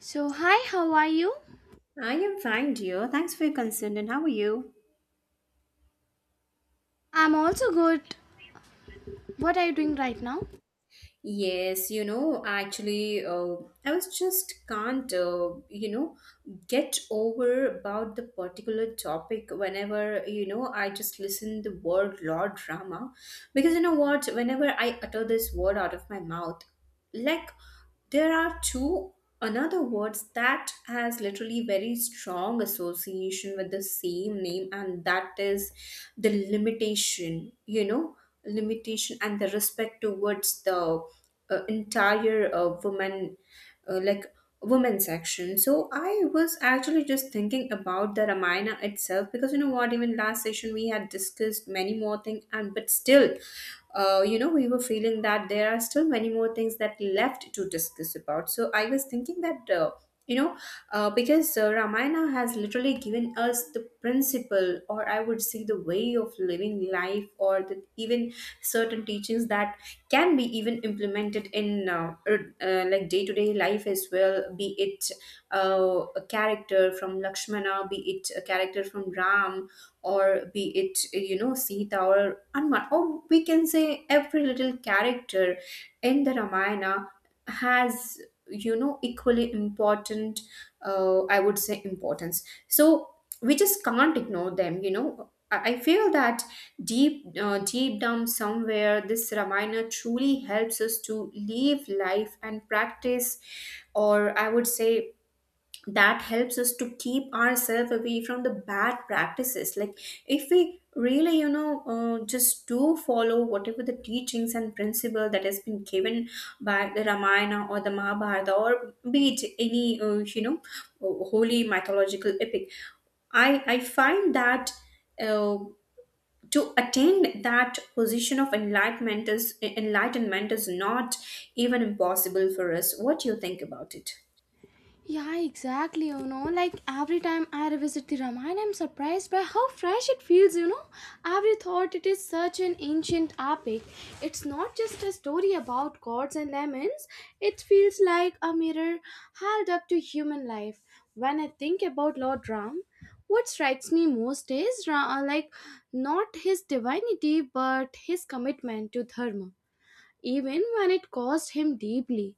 So, hi, how are you? I am fine, dear. Thanks for your concern. And how are you? I'm also good. What are you doing right now? Yes, you know, actually, I was just can't, get over about the particular topic whenever, you know, I just listen the word law drama. Because you know what, whenever I utter this word out of my mouth, like, there are two another words that has literally very strong association with the same name, and that is the limitation, you know, limitation and the respect towards the entire woman, like, women's section. So I was actually just thinking about the Ramayana itself, because you know what, even last session we had discussed many more things, and but still, you know, we were feeling that there are still many more things that left to discuss about. So I was thinking that, you know, because Ramayana has literally given us the principle, or I would say the way of living life, or the, even certain teachings that can be even implemented in like day to day life as well, be it a character from Lakshmana, be it a character from Ram, or be it you know Sita or Anman, or we can say every little character in the Ramayana has you know equally important I would say importance. So we just can't ignore them. You know, I feel that deep deep down somewhere, this Ramayana truly helps us to live life and practice, or I would say that helps us to keep ourselves away from the bad practices. Like, if we really you know just do follow whatever the teachings and principle that has been given by the Ramayana or the Mahabharata, or be it any you know holy mythological epic, I find that uh, to attain that position of enlightenment is not even impossible for us. What do you think about it? Yeah, exactly. Like every time I revisit the Ramayana, I'm surprised by how fresh it feels. Every thought it is such an ancient epic. It's not just a story about gods and lemons, it feels like a mirror held up to human life. When I think about Lord Ram, what strikes me most is like not his divinity but his commitment to dharma even when it cost him deeply.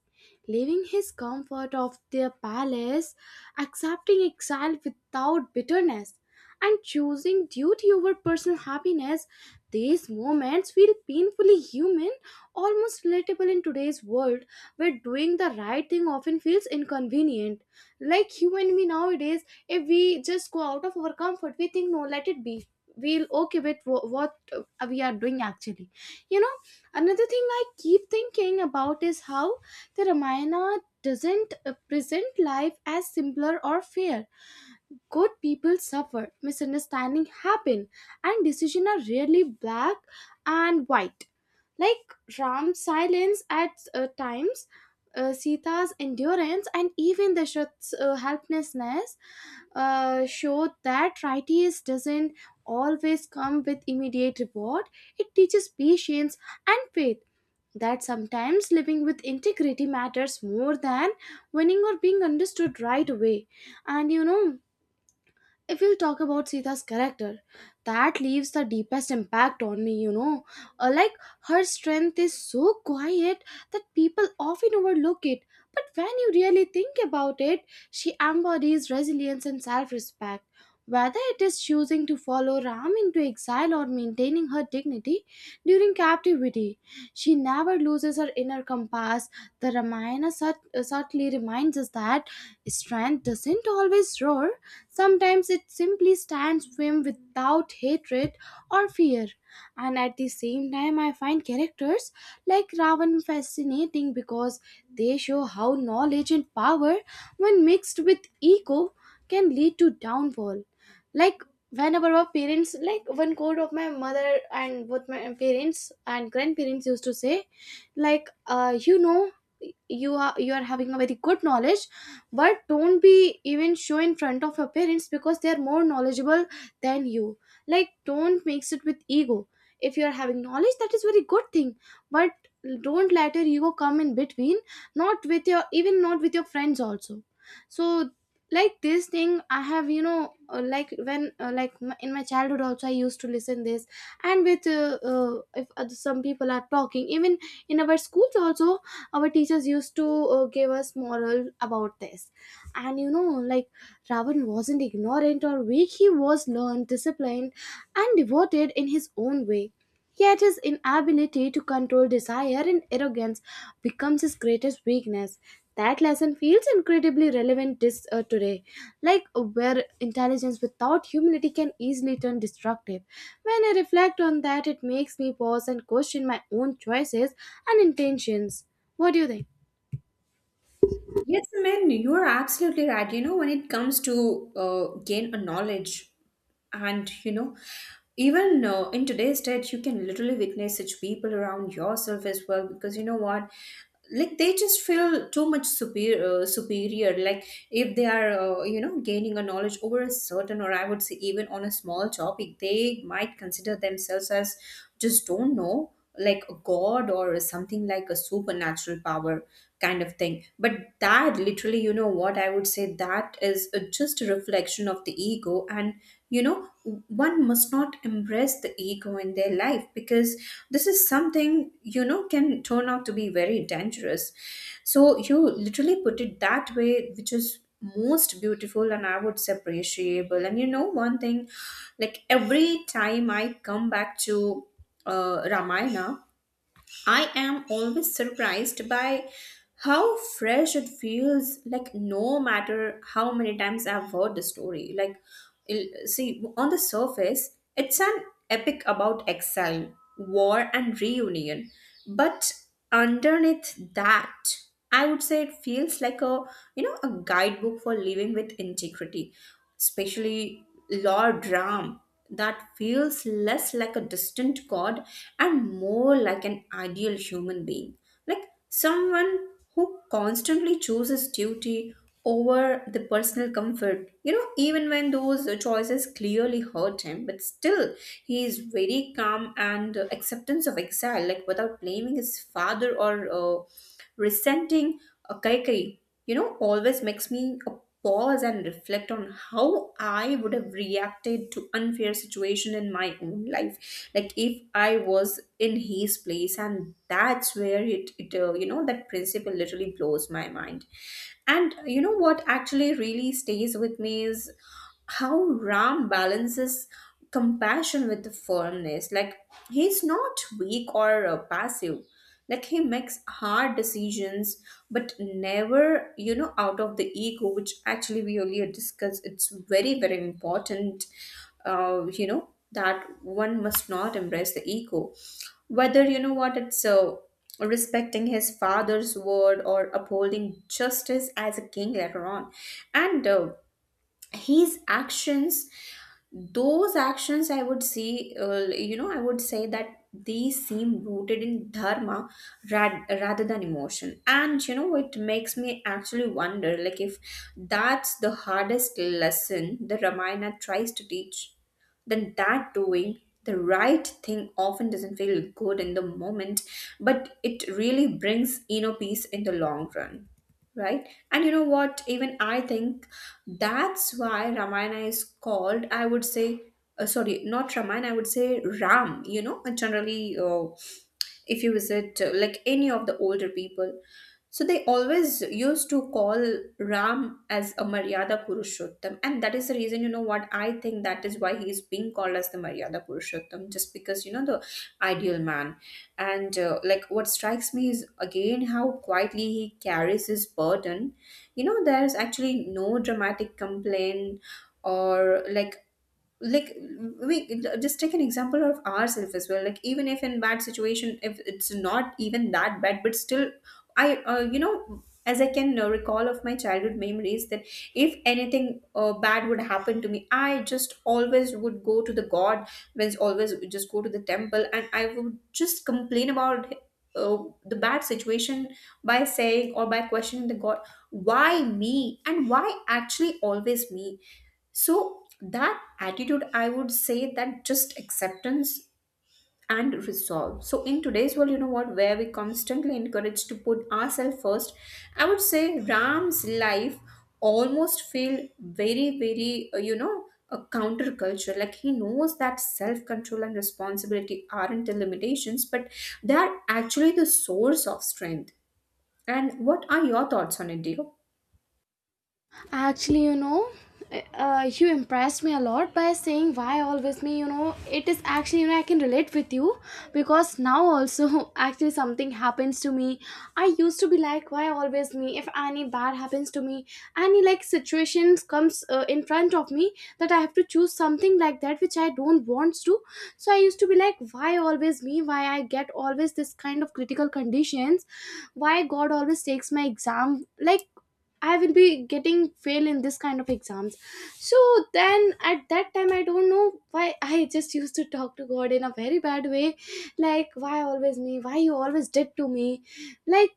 Leaving his comfort of their palace, accepting exile without bitterness, and choosing duty over personal happiness, these moments feel painfully human, almost relatable in today's world where doing the right thing often feels inconvenient. Like you and me nowadays, if we just go out of our comfort, we think, no, let it be. We'll okay with what we are doing actually. You know, Another thing I keep thinking about is how the Ramayana doesn't present life as simpler or fair. Good people suffer, misunderstanding happen, and decisions are rarely black and white. Like Ram's silence at times, Sita's endurance, and even Dashrath's helplessness show that righteousness doesn't always come with immediate reward. It teaches patience and faith that sometimes living with integrity matters more than winning or being understood right away. And if we'll talk about Sita's character, that leaves the deepest impact on me. Like, her strength is so quiet that people often overlook it. But when you really think about it, she embodies resilience and self respect. Whether it is choosing to follow Ram into exile or maintaining her dignity during captivity, she never loses her inner compass. The Ramayana subtly reminds us that strength doesn't always roar. Sometimes it simply stands firm without hatred or fear. And at the same time, I find characters like Ravan fascinating because they show how knowledge and power, when mixed with ego, can lead to downfall. Like whenever our parents, like one quote of my mother and both my parents and grandparents used to say, like, you know, you are having a very good knowledge, but don't be even show in front of your parents because they are more knowledgeable than you. Like, don't mix it with ego. If you are having knowledge, that is very good thing, but don't let your ego come in between, not with your even not with your friends also. So, like, this thing I have, you know, like when like in my childhood also I used to listen this. And with if some people are talking even in our schools also, our teachers used to give us moral about this. And you know, like, Ravan wasn't ignorant or weak. He was learned, disciplined, and devoted in his own way. Yet his inability to control desire and arrogance becomes his greatest weakness. That lesson feels incredibly relevant today, like where intelligence without humility can easily turn destructive. When I reflect on that, it makes me pause and question my own choices and intentions. What do you think? Yes, I mean, you are absolutely right. You know, when it comes to gain a knowledge, and you know, even in today's state, you can literally witness such people around yourself as well. Because you know what, like they just feel too much superior, like if they are you know gaining a knowledge over a certain, or I would say even on a small topic, they might consider themselves as just don't know, like a god or something like a supernatural power kind of thing. But that literally, you know what, I would say that is just a reflection of the ego. And you know, one must not embrace the ego in their life, because this is something, you know, can turn out to be very dangerous. So you literally put it that way, which is most beautiful, and I would say appreciable. And you know, one thing, like every time I come back to Ramayana, I am always surprised by how fresh it feels, like no matter how many times I've heard the story. Like, il- see, on the surface, it's an epic about exile, war, and reunion. But underneath that, I would say it feels like a you know a guidebook for living with integrity, especially Lord Ram. That feels less like a distant god and more like an ideal human being, like someone who constantly chooses duty over the personal comfort. You know, even when those choices clearly hurt him, but still, he is very calm and acceptance of exile, like without blaming his father or resenting Kaikai. You know, always makes me pause and reflect on how I would have reacted to unfair situation in my own life. Like if I was in his place, and that's where it, you know, that principle literally blows my mind. And you know what actually really stays with me is how Ram balances compassion with the firmness. Like he's not weak or passive, like he makes hard decisions but never you know out of the ego, which actually we earlier discussed, it's very very important, you know, that one must not embrace the ego, whether you know what, it's respecting his father's word or upholding justice as a king later on. And his actions, those actions I would see, you know, I would say that these seem rooted in dharma rather than emotion. And you know, it makes me actually wonder, like if that's the hardest lesson the Ramayana tries to teach, then that doing the right thing often doesn't feel good in the moment, but it really brings inner peace in the long run, right? And you know what, even I think that's why Ramayana is called, I would say, sorry, not Ramayana, I would say Ram, you know. And generally, if you visit like any of the older people, so they always used to call Ram as a Maryada Purushottam. And that is the reason, you know what, I think that is why he is being called as the Maryada Purushottam, just because you know, the ideal man. And like, what strikes me is again how quietly he carries his burden. You know, there's actually no dramatic complaint, or like, we just take an example of ourselves as well, like even if in bad situation, if it's not even that bad but still, I you know, as I can recall of my childhood memories that if anything bad would happen to me, I just always would go to the god, means always would just go to the temple, and I would just complain about uh, the bad situation, by saying or by questioning the god, why me and why actually always me. So that attitude, I would say that just acceptance and resolve. So in today's world, you know what, where we constantly encouraged to put ourselves first, I would say Ram's life almost feel very, very, you know, a counterculture. Like he knows that self-control and responsibility aren't the limitations, but they are actually the source of strength. And what are your thoughts on it, dear? Actually, you know, you impressed me a lot by saying why always me. You know, it is actually, you know, I can relate with you because now also, actually, something happens to me. I used to be like, why always me? If any bad happens to me, any like situations comes in front of me that I have to choose something like that which I don't want to. So I used to be like, why always me? Why I get always this kind of critical conditions? Why god always takes my exam? Like, I will be getting fail in this kind of exams. So then at that time, I don't know why I just used to talk to god in a very bad way. Like, why always me? Why you always did to me? Like,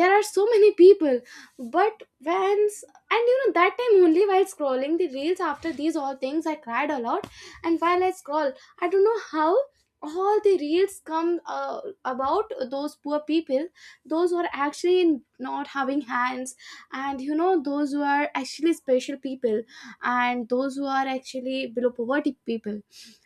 there are so many people. But when and you know that time only, while scrolling the reels after these all things, I cried a lot. And while I scroll, I don't know how all the reels come about those poor people, those who are actually not having hands, and you know those who are actually special people, and those who are actually below poverty people.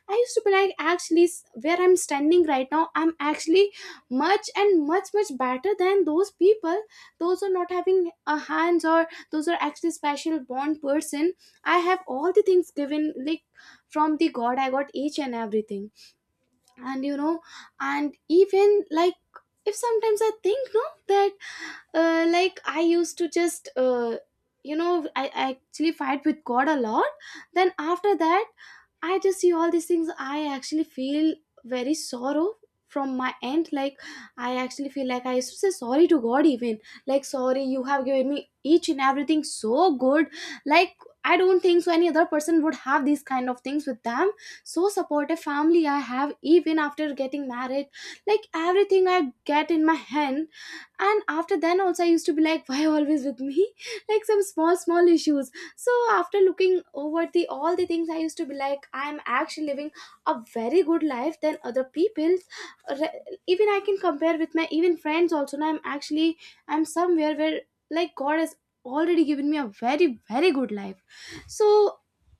I used to be like, actually where I'm standing right now, I'm actually much and much much better than those people, those who are not having a hands, or those who are actually special born person. I have all the things given, like from the god I got each and everything. And you know, and even like, if sometimes I think no, that like I used to just you know I actually fight with god a lot. Then after that, I just see all these things. I actually feel very sorrow from my end. Like, I actually feel like I used to say sorry to God, even. Like, sorry, you have given me each and everything so good. Like, I don't think so any other person would have these kind of things with them. So supportive family I have even after getting married. Like everything I get in my hand. And after then also I used to be like, why always with me? Like some small, small issues. So after looking over the all the things, I used to be like, I am actually living a very good life than other people's. Even I can compare with my even friends also. Now I'm actually, I'm somewhere where, like, god has already given me a very very good life. So,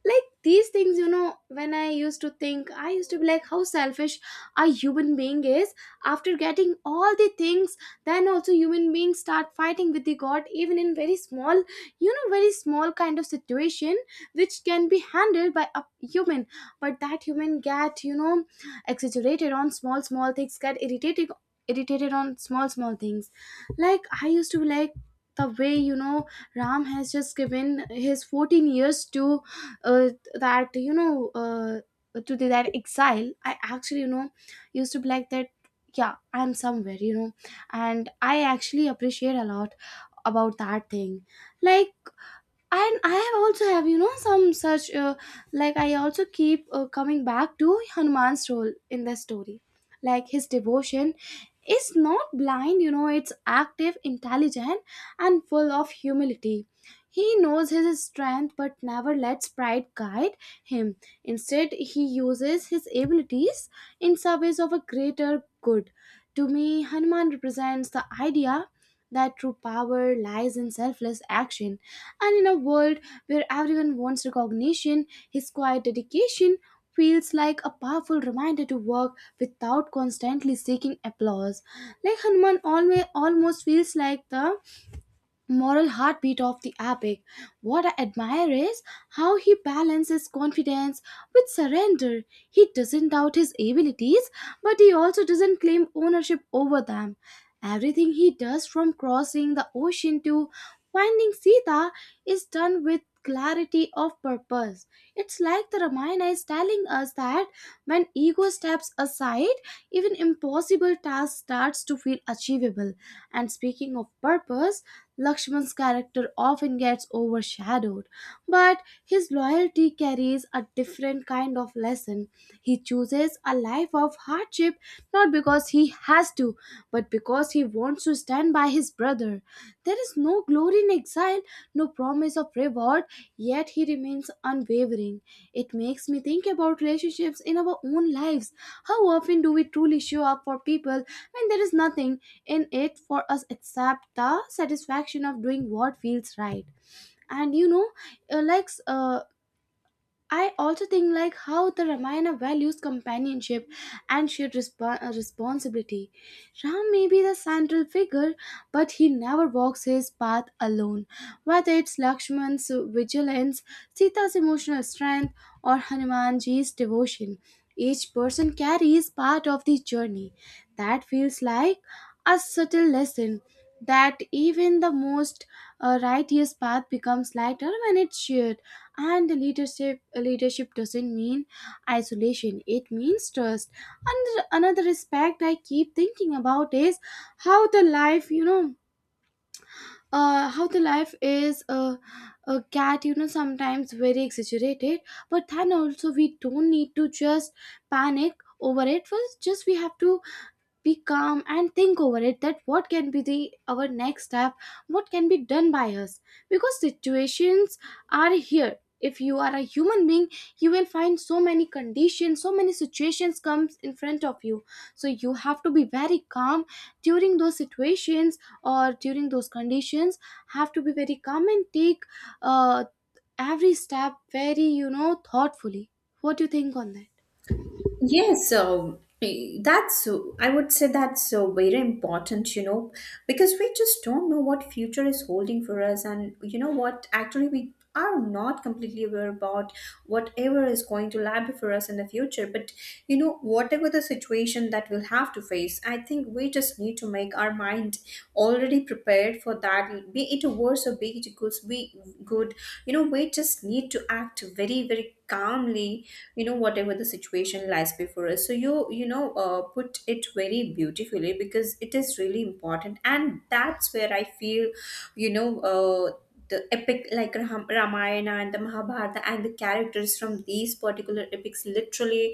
like, these things, you know, when I used to think, I used to be like, how selfish a human being is. After getting all the things, then also human beings start fighting with the god even in very small, you know, very small kind of situation which can be handled by a human. But that human get, you know, exaggerated on small small things, get irritated, irritated on small small things. Like I used to, like the way, you know, Ram has just given his 14 years to uh, that, you know, to the, that exile, I actually, you know, used to be like that. Yeah, I'm somewhere, you know. And I actually appreciate a lot about that thing. Like, and I have also have, you know, some such like I also keep coming back to Hanuman's role in the story. Like, his devotion is not blind, you know, it's active, intelligent, and full of humility. He knows his strength but never lets pride guide him. Instead, he uses his abilities in service of a greater good. To me, Hanuman represents the idea that true power lies in selfless action. And in a world where everyone wants recognition, his quiet dedication feels like a powerful reminder to work without constantly seeking applause. Like Hanuman always almost feels like the moral heartbeat of the epic. What I admire is how he balances confidence with surrender. He doesn't doubt his abilities, but he also doesn't claim ownership over them. Everything he does, from crossing the ocean to finding Sita, is done with clarity of purpose. It's like the Ramayana is telling us that when ego steps aside, even impossible tasks starts to feel achievable. And speaking of purpose, Lakshman's character often gets overshadowed, but his loyalty carries a different kind of lesson. He chooses a life of hardship not because he has to, but because he wants to stand by his brother. There is no glory in exile, no promise of reward, yet he remains unwavering. It makes me think about relationships in our own lives. How often do we truly show up for people when there is nothing in it for us except the satisfaction of doing what feels right? And you know, uh, like uh, I also think like how the Ramayana values companionship and shared responsibility. Ram may be the central figure, but he never walks his path alone. Whether it's Lakshman's vigilance, Sita's emotional strength, or Hanumanji's devotion, each person carries part of the journey. That feels like a subtle lesson that even the most righteous path becomes lighter when it's shared, and the leadership doesn't mean isolation, it means trust. And another aspect I keep thinking about is how the life you know how the life is a cat, you know, sometimes very exaggerated, but then also we don't need to just panic over it first. Just we have to be calm and think over it, that what can be the our next step, what can be done by us, because situations are here. If you are a human being, you will find so many conditions, so many situations comes in front of you, so you have to be very calm during those situations or during those conditions. Have to be very calm and take uh, every step very, you know, thoughtfully. What do you think on that? Yes, so eh, that's, I would say that's so very important, you know, because we just don't know what future is holding for us, and you know what, actually, we are not completely aware about whatever is going to lie before us in the future. But you know, whatever the situation that we'll have to face, I think we just need to make our mind already prepared for that. Be it worse or be it good, be good. You know, we just need to act very, very calmly, you know, whatever the situation lies before us. So you know, put it very beautifully, because it is really important, and that's where I feel, you know, the epic like Ramayana and the Mahabharata and the characters from these particular epics literally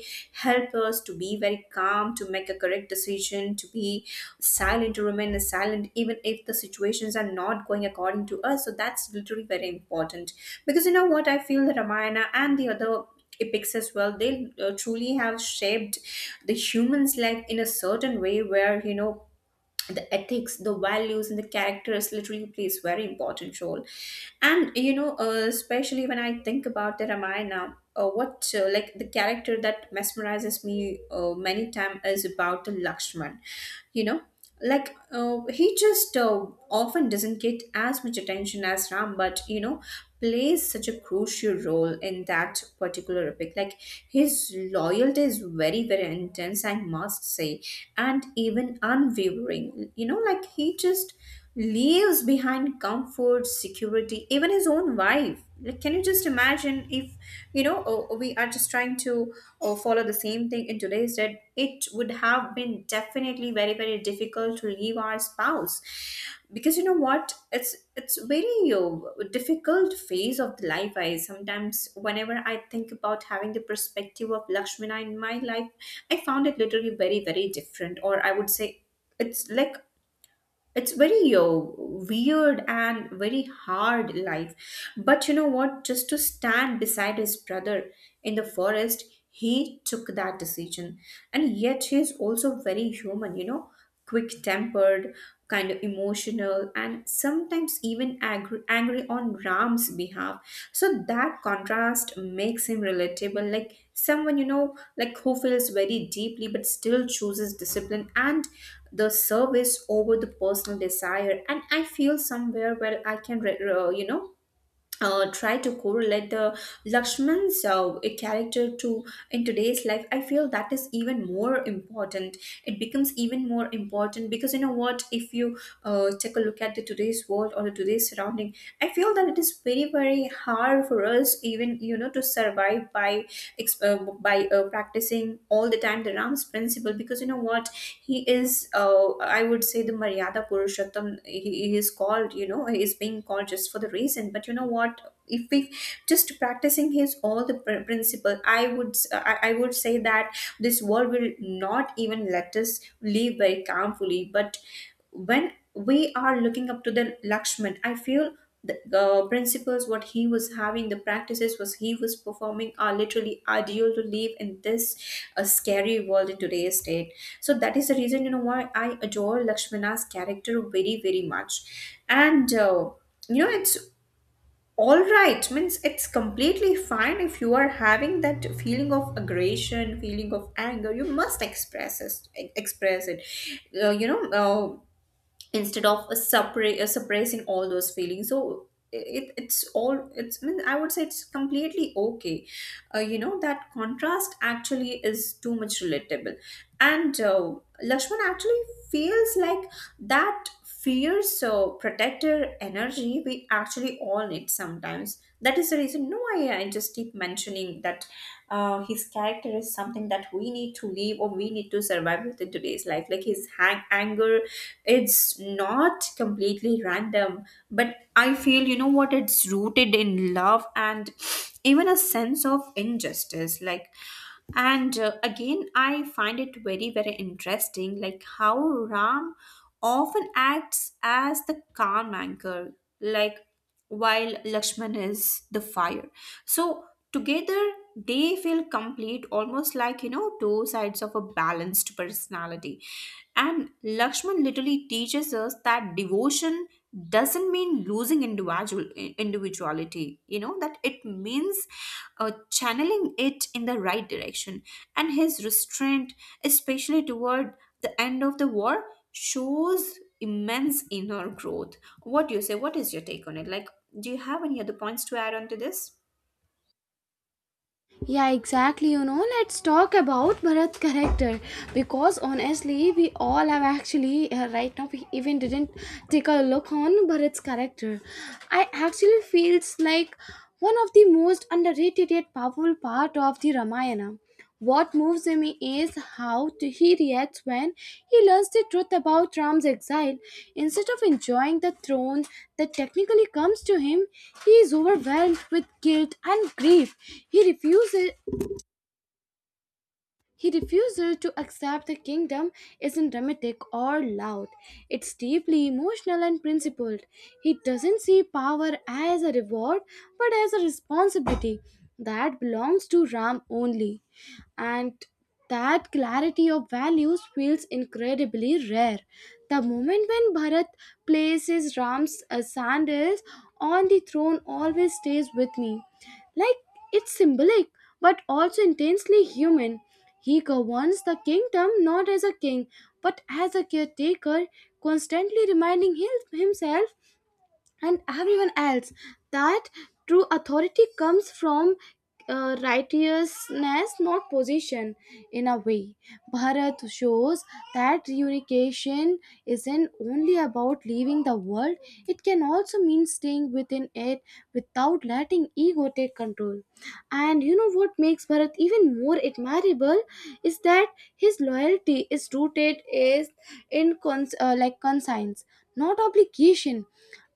help us to be very calm, to make a correct decision, to be silent, to remain silent even if the situations are not going according to us. So that's literally very important, because you know what, I feel the Ramayana and the other epics as well, they truly have shaped the human's life in a certain way, where you know the ethics, the values and the characters literally plays very important role. And you know, especially when I think about the Ramayana, what like the character that mesmerizes me many time is about the Lakshman. You know, like he just often doesn't get as much attention as Ram, but you know, plays such a crucial role in that particular epic. Like his loyalty is very, very intense, I must say, and even unwavering. You know, like he just leaves behind comfort, security, even his own wife. Like, can you just imagine if, you know, we are just trying to follow the same thing in today's day, it would have been definitely very, very difficult to leave our spouse, because you know what, it's very difficult phase of the life. I sometimes, whenever I think about having the perspective of Lakshmana in my life, I found it literally very very different, or I would say it's like it's very weird and very hard life. But you know what, just to stand beside his brother in the forest, he took that decision. And yet he is also very human, you know, quick tempered, kind of emotional, and sometimes even angry, angry on Ram's behalf. So that contrast makes him relatable, like someone, you know, like who feels very deeply but still chooses discipline and the service over the personal desire. And I feel somewhere where I can you know, try to correlate the Lakshman's character to in today's life. I feel that is even more important. It becomes even more important because you know what? If you take a look at the today's world or the today's surrounding, I feel that it is very very hard for us even you know to survive by practicing all the time the Ram's principle. Because you know what, he is I would say the Maryada Purushottam. He is called, you know, he is being called just for the reason. But you know what, if we just practicing his all the principle, I would say that this world will not even let us live very calmfully. But when we are looking up to the Lakshman, I feel the principles what he was having, the practices was he was performing are literally ideal to live in this scary world in today's date. So that is the reason you know why I adore Lakshmana's character very very much, and you know it's all right. Means it's completely fine if you are having that feeling of aggression, feeling of anger, you must express it, express it, uh, you know uh, instead of a suppressing all those feelings. So it, it's all it's I mean, I would say it's completely okay. You know, that contrast actually is too much relatable. And lakshman actually feels like that fear. So protector energy we actually all need sometimes. That is the reason. No, I just keep mentioning that his character is something that we need to live, or we need to survive within today's life, like his anger. It's not completely random, but I feel you know what, it's rooted in love and even a sense of injustice. Like, and again I find it very very interesting, like how ram often acts as the calm anchor, like, while Lakshman is the fire. So together they feel complete, almost like you know two sides of a balanced personality. And Lakshman literally teaches us that devotion doesn't mean losing individuality, you know, that it means channeling it in the right direction. And his restraint, especially toward the end of the war, shows immense inner growth. What do you say? What is your take on it? Like, do you have any other points to add on to this? Yeah, exactly. You know, let's talk about Bharat character, because honestly, we all have actually right now we even didn't take a look on Bharat's character. I actually feels like one of the most underrated yet powerful part of the Ramayana. What moves me is how he reacts when he learns the truth about Ram's exile. Instead of enjoying the throne that technically comes to him, he is overwhelmed with guilt and grief. He refuses he refuses to accept the kingdom isn't dramatic or loud. It's deeply emotional and principled. He doesn't see power as a reward but as a responsibility that belongs to Ram only. And that clarity of values feels incredibly rare. The moment when Bharat places Ram's sandals on the throne always stays with me. Like, it's symbolic but also intensely human. He governs the kingdom not as a king but as a caretaker, constantly reminding himself and everyone else that true authority comes from righteousness, not position. In a way, Bharat shows that reunification isn't only about leaving the world, it can also mean staying within it without letting ego take control. And you know what makes Bharat even more admirable is that his loyalty is rooted is in like, conscience, not obligation.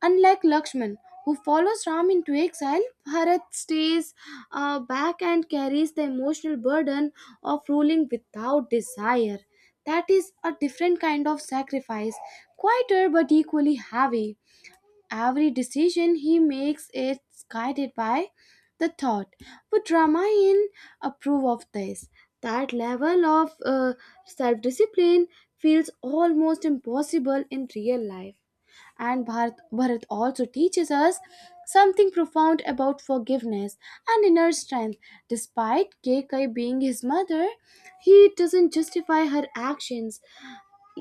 Unlike Lakshman, who follows Ram into exile, Bharat stays back and carries the emotional burden of ruling without desire. That is a different kind of sacrifice, quieter but equally heavy. Every decision he makes is guided by the thought, would Ramayan approve of this? That level of self discipline feels almost impossible in real life. And Bharat also teaches us something profound about forgiveness and inner strength. Despite Kekai being his mother, he doesn't justify her actions,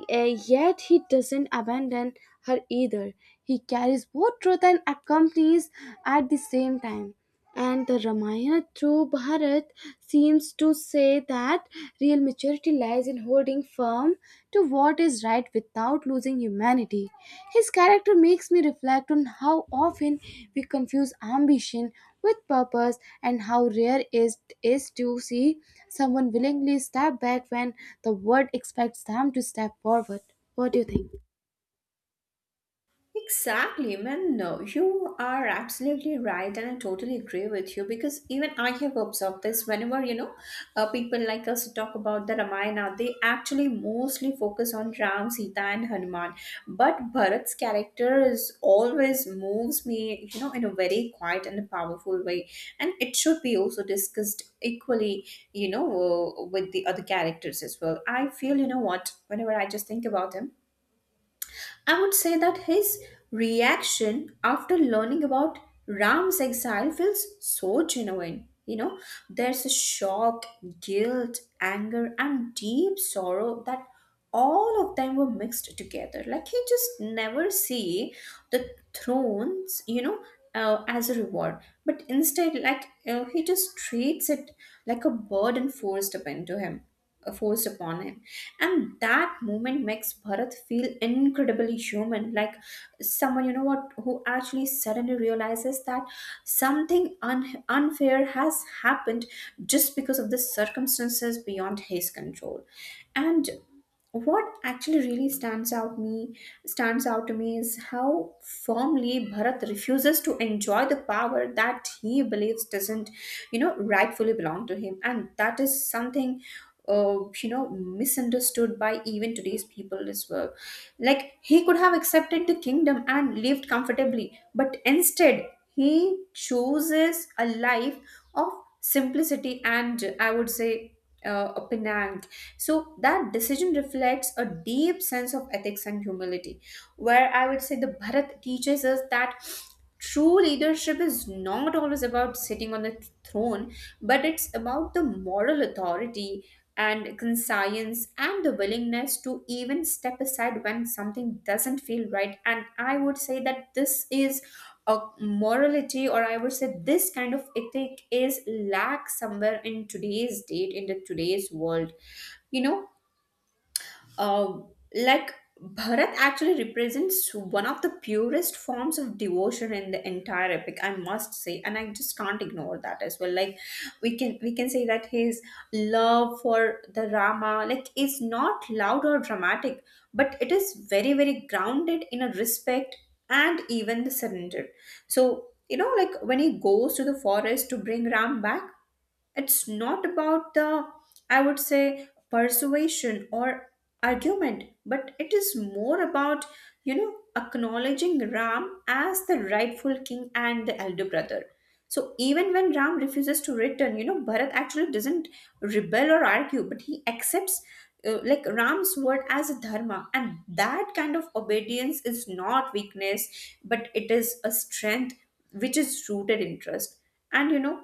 yet he doesn't abandon her either. He carries both truth and accompanies at the same time. And the Ramayana through Bharat seems to say that real maturity lies in holding firm to what is right without losing humanity. His character makes me reflect on how often we confuse ambition with purpose, and how rare it is to see someone willingly step back when the world expects them to step forward. What do you think? Exactly, man. No, you are absolutely right, and I totally agree with you because even I have observed this whenever you know people like us talk about the Ramayana, they actually mostly focus on Ram, Sita, and Hanuman. But Bharat's character is always moves me, you know, in a very quiet and powerful way, and it should be also discussed equally, you know, with the other characters as well. I feel, you know, what whenever I just think about him. I would say that his reaction after learning about Ram's exile feels so genuine. You know, there's a shock, guilt, anger, and deep sorrow that all of them were mixed together. Like he just never see the thrones, you know, as a reward, but instead, like he just treats it like a burden forced upon to him, forced upon him. And that moment makes Bharat feel incredibly human, like someone, you know what, who actually suddenly realizes that something unfair has happened just because of the circumstances beyond his control. And what actually really stands out to me is how firmly Bharat refuses to enjoy the power that he believes doesn't you know rightfully belong to him. And that is something you know misunderstood by even today's people as well. Like he could have accepted the kingdom and lived comfortably, but instead he chooses a life of simplicity and I would say a penang. So that decision reflects a deep sense of ethics and humility, where I would say the Bharat teaches us that true leadership is not always about sitting on the throne, but it's about the moral authority and conscience and the willingness to even step aside when something doesn't feel right. And I would say that this is a morality, or I would say this kind of ethic is lack somewhere in today's date, in the today's world, you know, uh, like Bharat actually represents one of the purest forms of devotion in the entire epic, I must say, and I just can't ignore that as well. Like we can say that his love for the Rama like is not loud or dramatic, but it is very very grounded in a respect and even the surrender. So you know, like when he goes to the forest to bring Ram back, it's not about the I would say persuasion or argument, but it is more about you know acknowledging ram as the rightful king and the elder brother. So even when ram refuses to return, you know bharat actually doesn't rebel or argue, but he accepts like ram's word as a dharma. And that kind of obedience is not weakness, but it is a strength which is rooted in trust. And you know,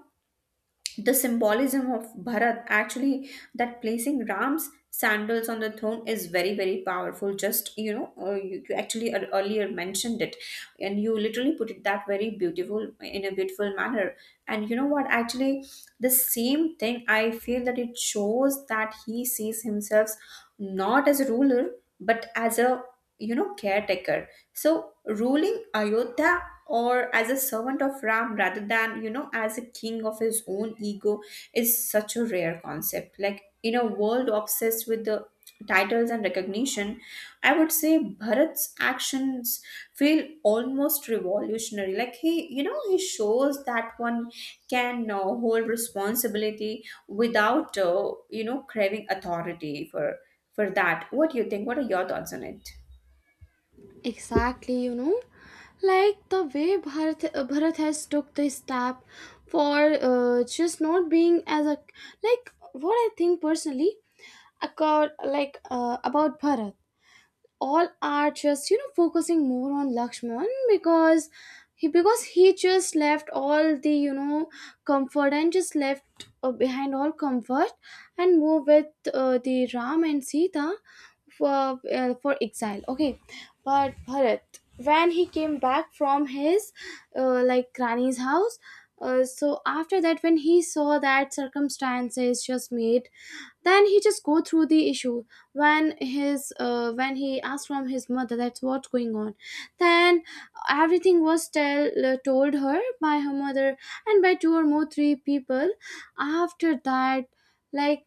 the symbolism of Bharat actually that placing Ram's sandals on the throne is very very powerful. Just you know you actually earlier mentioned it, and you literally put it that very beautiful in a beautiful manner. And you know what actually, the same thing I feel that it shows that he sees himself not as a ruler, but as a you know caretaker. So ruling Ayodhya or as a servant of Ram rather than, you know, as a king of his own ego is such a rare concept. Like in a world obsessed with the titles and recognition, I would say Bharat's actions feel almost revolutionary. Like he, you know, he shows that one can hold responsibility without, you know, craving authority for that. What do you think? What are your thoughts on it? Exactly, you know, like the way Bharat, Bharat has took the step for just not being as a, like what I think personally, accord like about Bharat, all are just, you know, focusing more on Lakshman, because he just left all the, you know, comfort, and just left behind all comfort and move with the Ram and Sita for exile. Okay, but Bharat, when he came back from his like granny's house. So after that, when he saw that circumstances just made, then he just go through the issue. When his when he asked from his mother, that's what's going on, then everything was tell told her by her mother and by two or more three people. After that, like,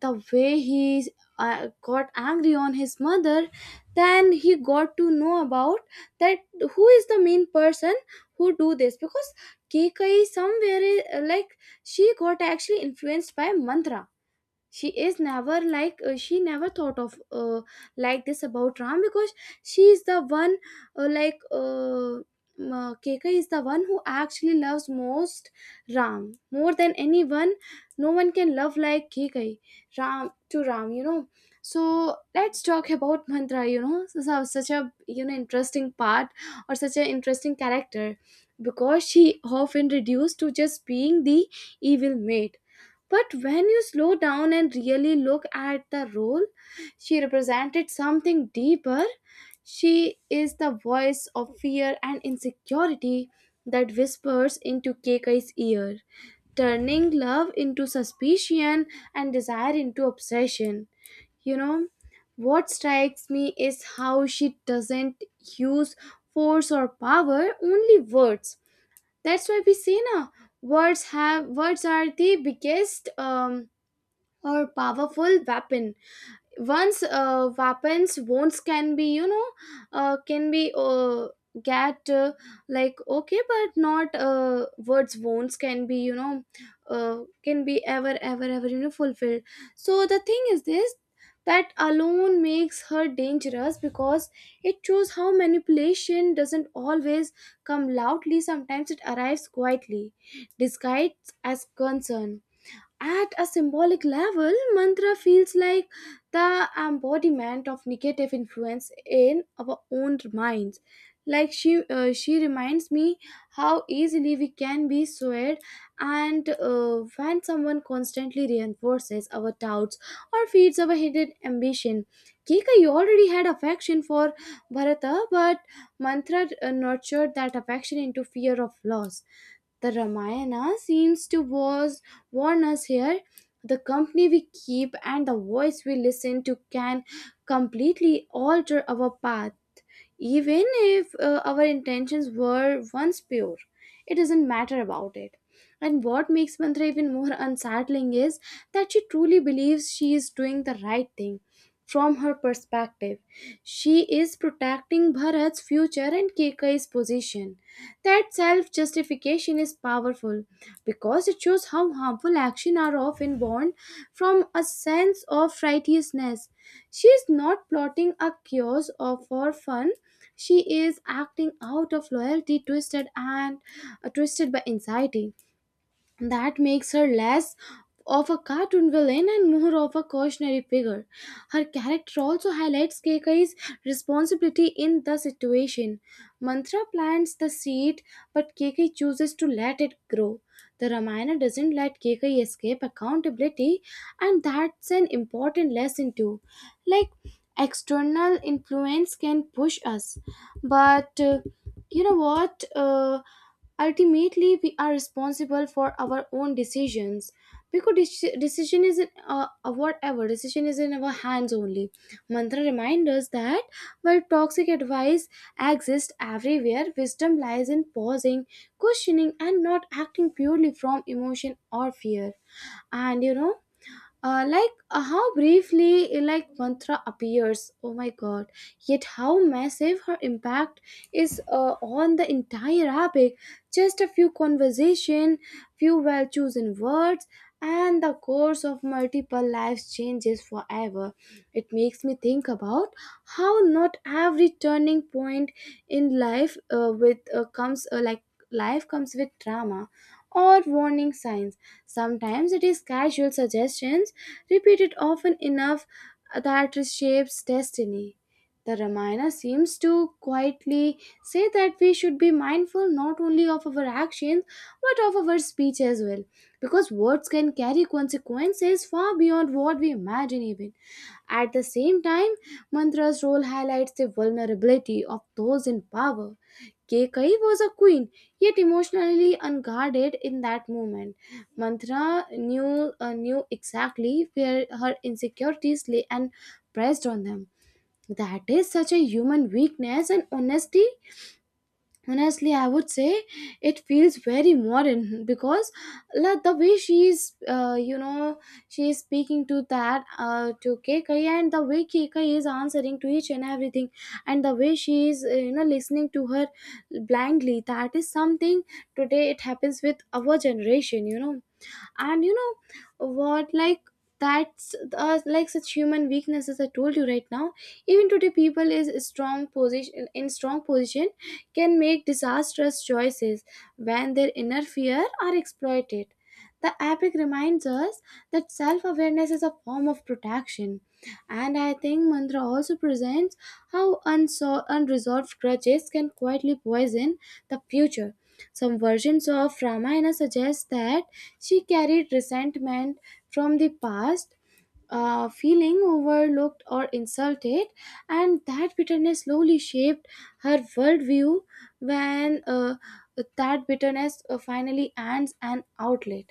the way he got angry on his mother, then he got to know about that who is the main person who do this, because Kekai somewhere, like, she got actually influenced by Mantra. She is never like she never thought of like this about Ram, because she is the one, uh, like uh, Keka is the one who actually loves most Ram more than anyone. No one can love like Keka Ram, to Ram, you know. So let's talk about Mantra, you know. Such a, you know, interesting part, or such an interesting character, because she often reduced to just being the evil maid. But when you slow down and really look at the role, she represented something deeper. She is the voice of fear and insecurity that whispers into Keikai's ear, turning love into suspicion and desire into obsession. You know, what strikes me is how she doesn't use force or power, only words. That's why we say now, words are the biggest or powerful weapon. Once weapons wounds can be, you know, can be get like, okay, but not words wounds can be, you know, can be ever ever ever, you know, fulfilled. So the thing is this, that alone makes her dangerous, because it shows how manipulation doesn't always come loudly, sometimes it arrives quietly, disguised as concern. At a symbolic level, Mantra feels like the embodiment of negative influence in our own minds. Like, she reminds me how easily we can be swayed, and when someone constantly reinforces our doubts or feeds our hidden ambition. Kika, you already had affection for Bharata, but Mantra nurtured that affection into fear of loss. The Ramayana seems to warn us here. The company we keep and the voice we listen to can completely alter our path, even if our intentions were once pure. It doesn't matter about it. And what makes Mantra even more unsettling is that she truly believes she is doing the right thing. From her perspective, she is protecting Bharat's future and Keikai's position. That self-justification is powerful because it shows how harmful actions are often born from a sense of righteousness. She is not plotting a chaos or for fun. She is acting out of loyalty, twisted and twisted by anxiety. That makes her less of a cartoon villain and more of a cautionary figure. Her character also highlights Keikai's responsibility in the situation. Mantra plants the seed, but Keikai chooses to let it grow. The Ramayana doesn't let Keikai escape accountability, and that's an important lesson too. Like, external influence can push us, but you know what? Ultimately, we are responsible for our own decisions, because deci- decision is in whatever decision is in our hands only. Mantra reminds us that while toxic advice exists everywhere, wisdom lies in pausing, questioning, and not acting purely from emotion or fear. And you know, how briefly, like, Mantra appears, oh my god, yet how massive her impact is on the entire epic. Just a few conversation, few well chosen words, and the course of multiple lives changes forever. It makes me think about how not every turning point in life with comes like, life comes with drama or warning signs. Sometimes it is casual suggestions, repeated often enough, that it shapes destiny. The Ramayana seems to quietly say that we should be mindful not only of our actions but of our speech as well, because words can carry consequences far beyond what we imagine even. At the same time, Mantra's role highlights the vulnerability of those in power. Kekai was a queen, yet emotionally unguarded in that moment. Mantra knew exactly where her insecurities lay and pressed on them. That is such a human weakness, and honesty honestly I would say it feels very modern, because like the way she's you know, she is speaking to that to Kekai, and the way Kekai is answering to each and everything, and the way she is, you know, listening to her blindly, that is something today it happens with our generation, you know. And you know what, like, that's like, such human weaknesses I told you right now, even today people is strong position can make disastrous choices when their inner fear are exploited. The epic reminds us that self-awareness is a form of protection. And I think Mantra also presents how unresolved grudges can quietly poison the future. Some versions of Ramayana suggest that she carried resentment from the past, feeling overlooked or insulted, and that bitterness slowly shaped her worldview. When that bitterness finally ends an outlet,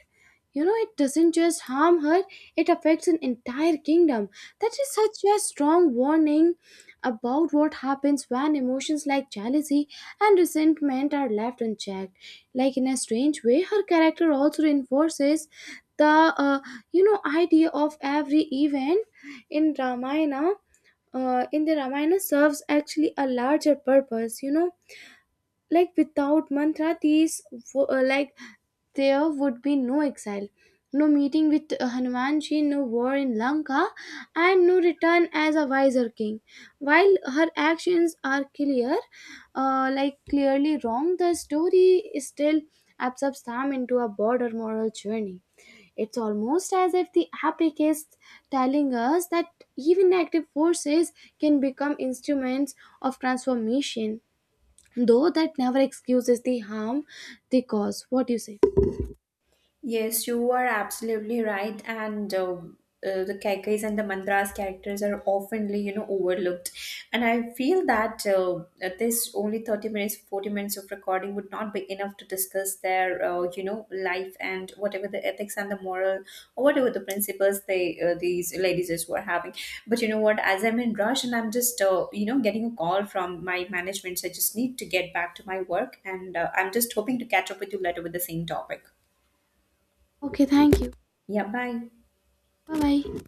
you know, it doesn't just harm her, it affects an entire kingdom. That is such a strong warning about what happens when emotions like jealousy and resentment are left unchecked. Like, in a strange way, her character also reinforces the uh, you know, idea of every event in Ramayana in the Ramayana serves actually a larger purpose. You know, like, without Mantra, like, there would be no exile, no meeting with Hanumanji, no war in Lanka, and no return as a wiser king. While her actions are clear like, clearly wrong, the story still absorbs them into a broader moral journey. It's almost as if the epic is telling us that even active forces can become instruments of transformation, though that never excuses the harm they cause. What do you say? Yes, you are absolutely right. And the Kaikais and the Mandras characters are oftenly, you know, overlooked. And I feel that that this only 30 minutes, 40 minutes of recording would not be enough to discuss their, you know, life and whatever the ethics and the moral or whatever the principles they these ladies is were having. But you know what? As I'm in rush and I'm just, you know, getting a call from my management, so I just need to get back to my work. And I'm just hoping to catch up with you later with the same topic. Okay, thank you. Dạ bye Bye bye.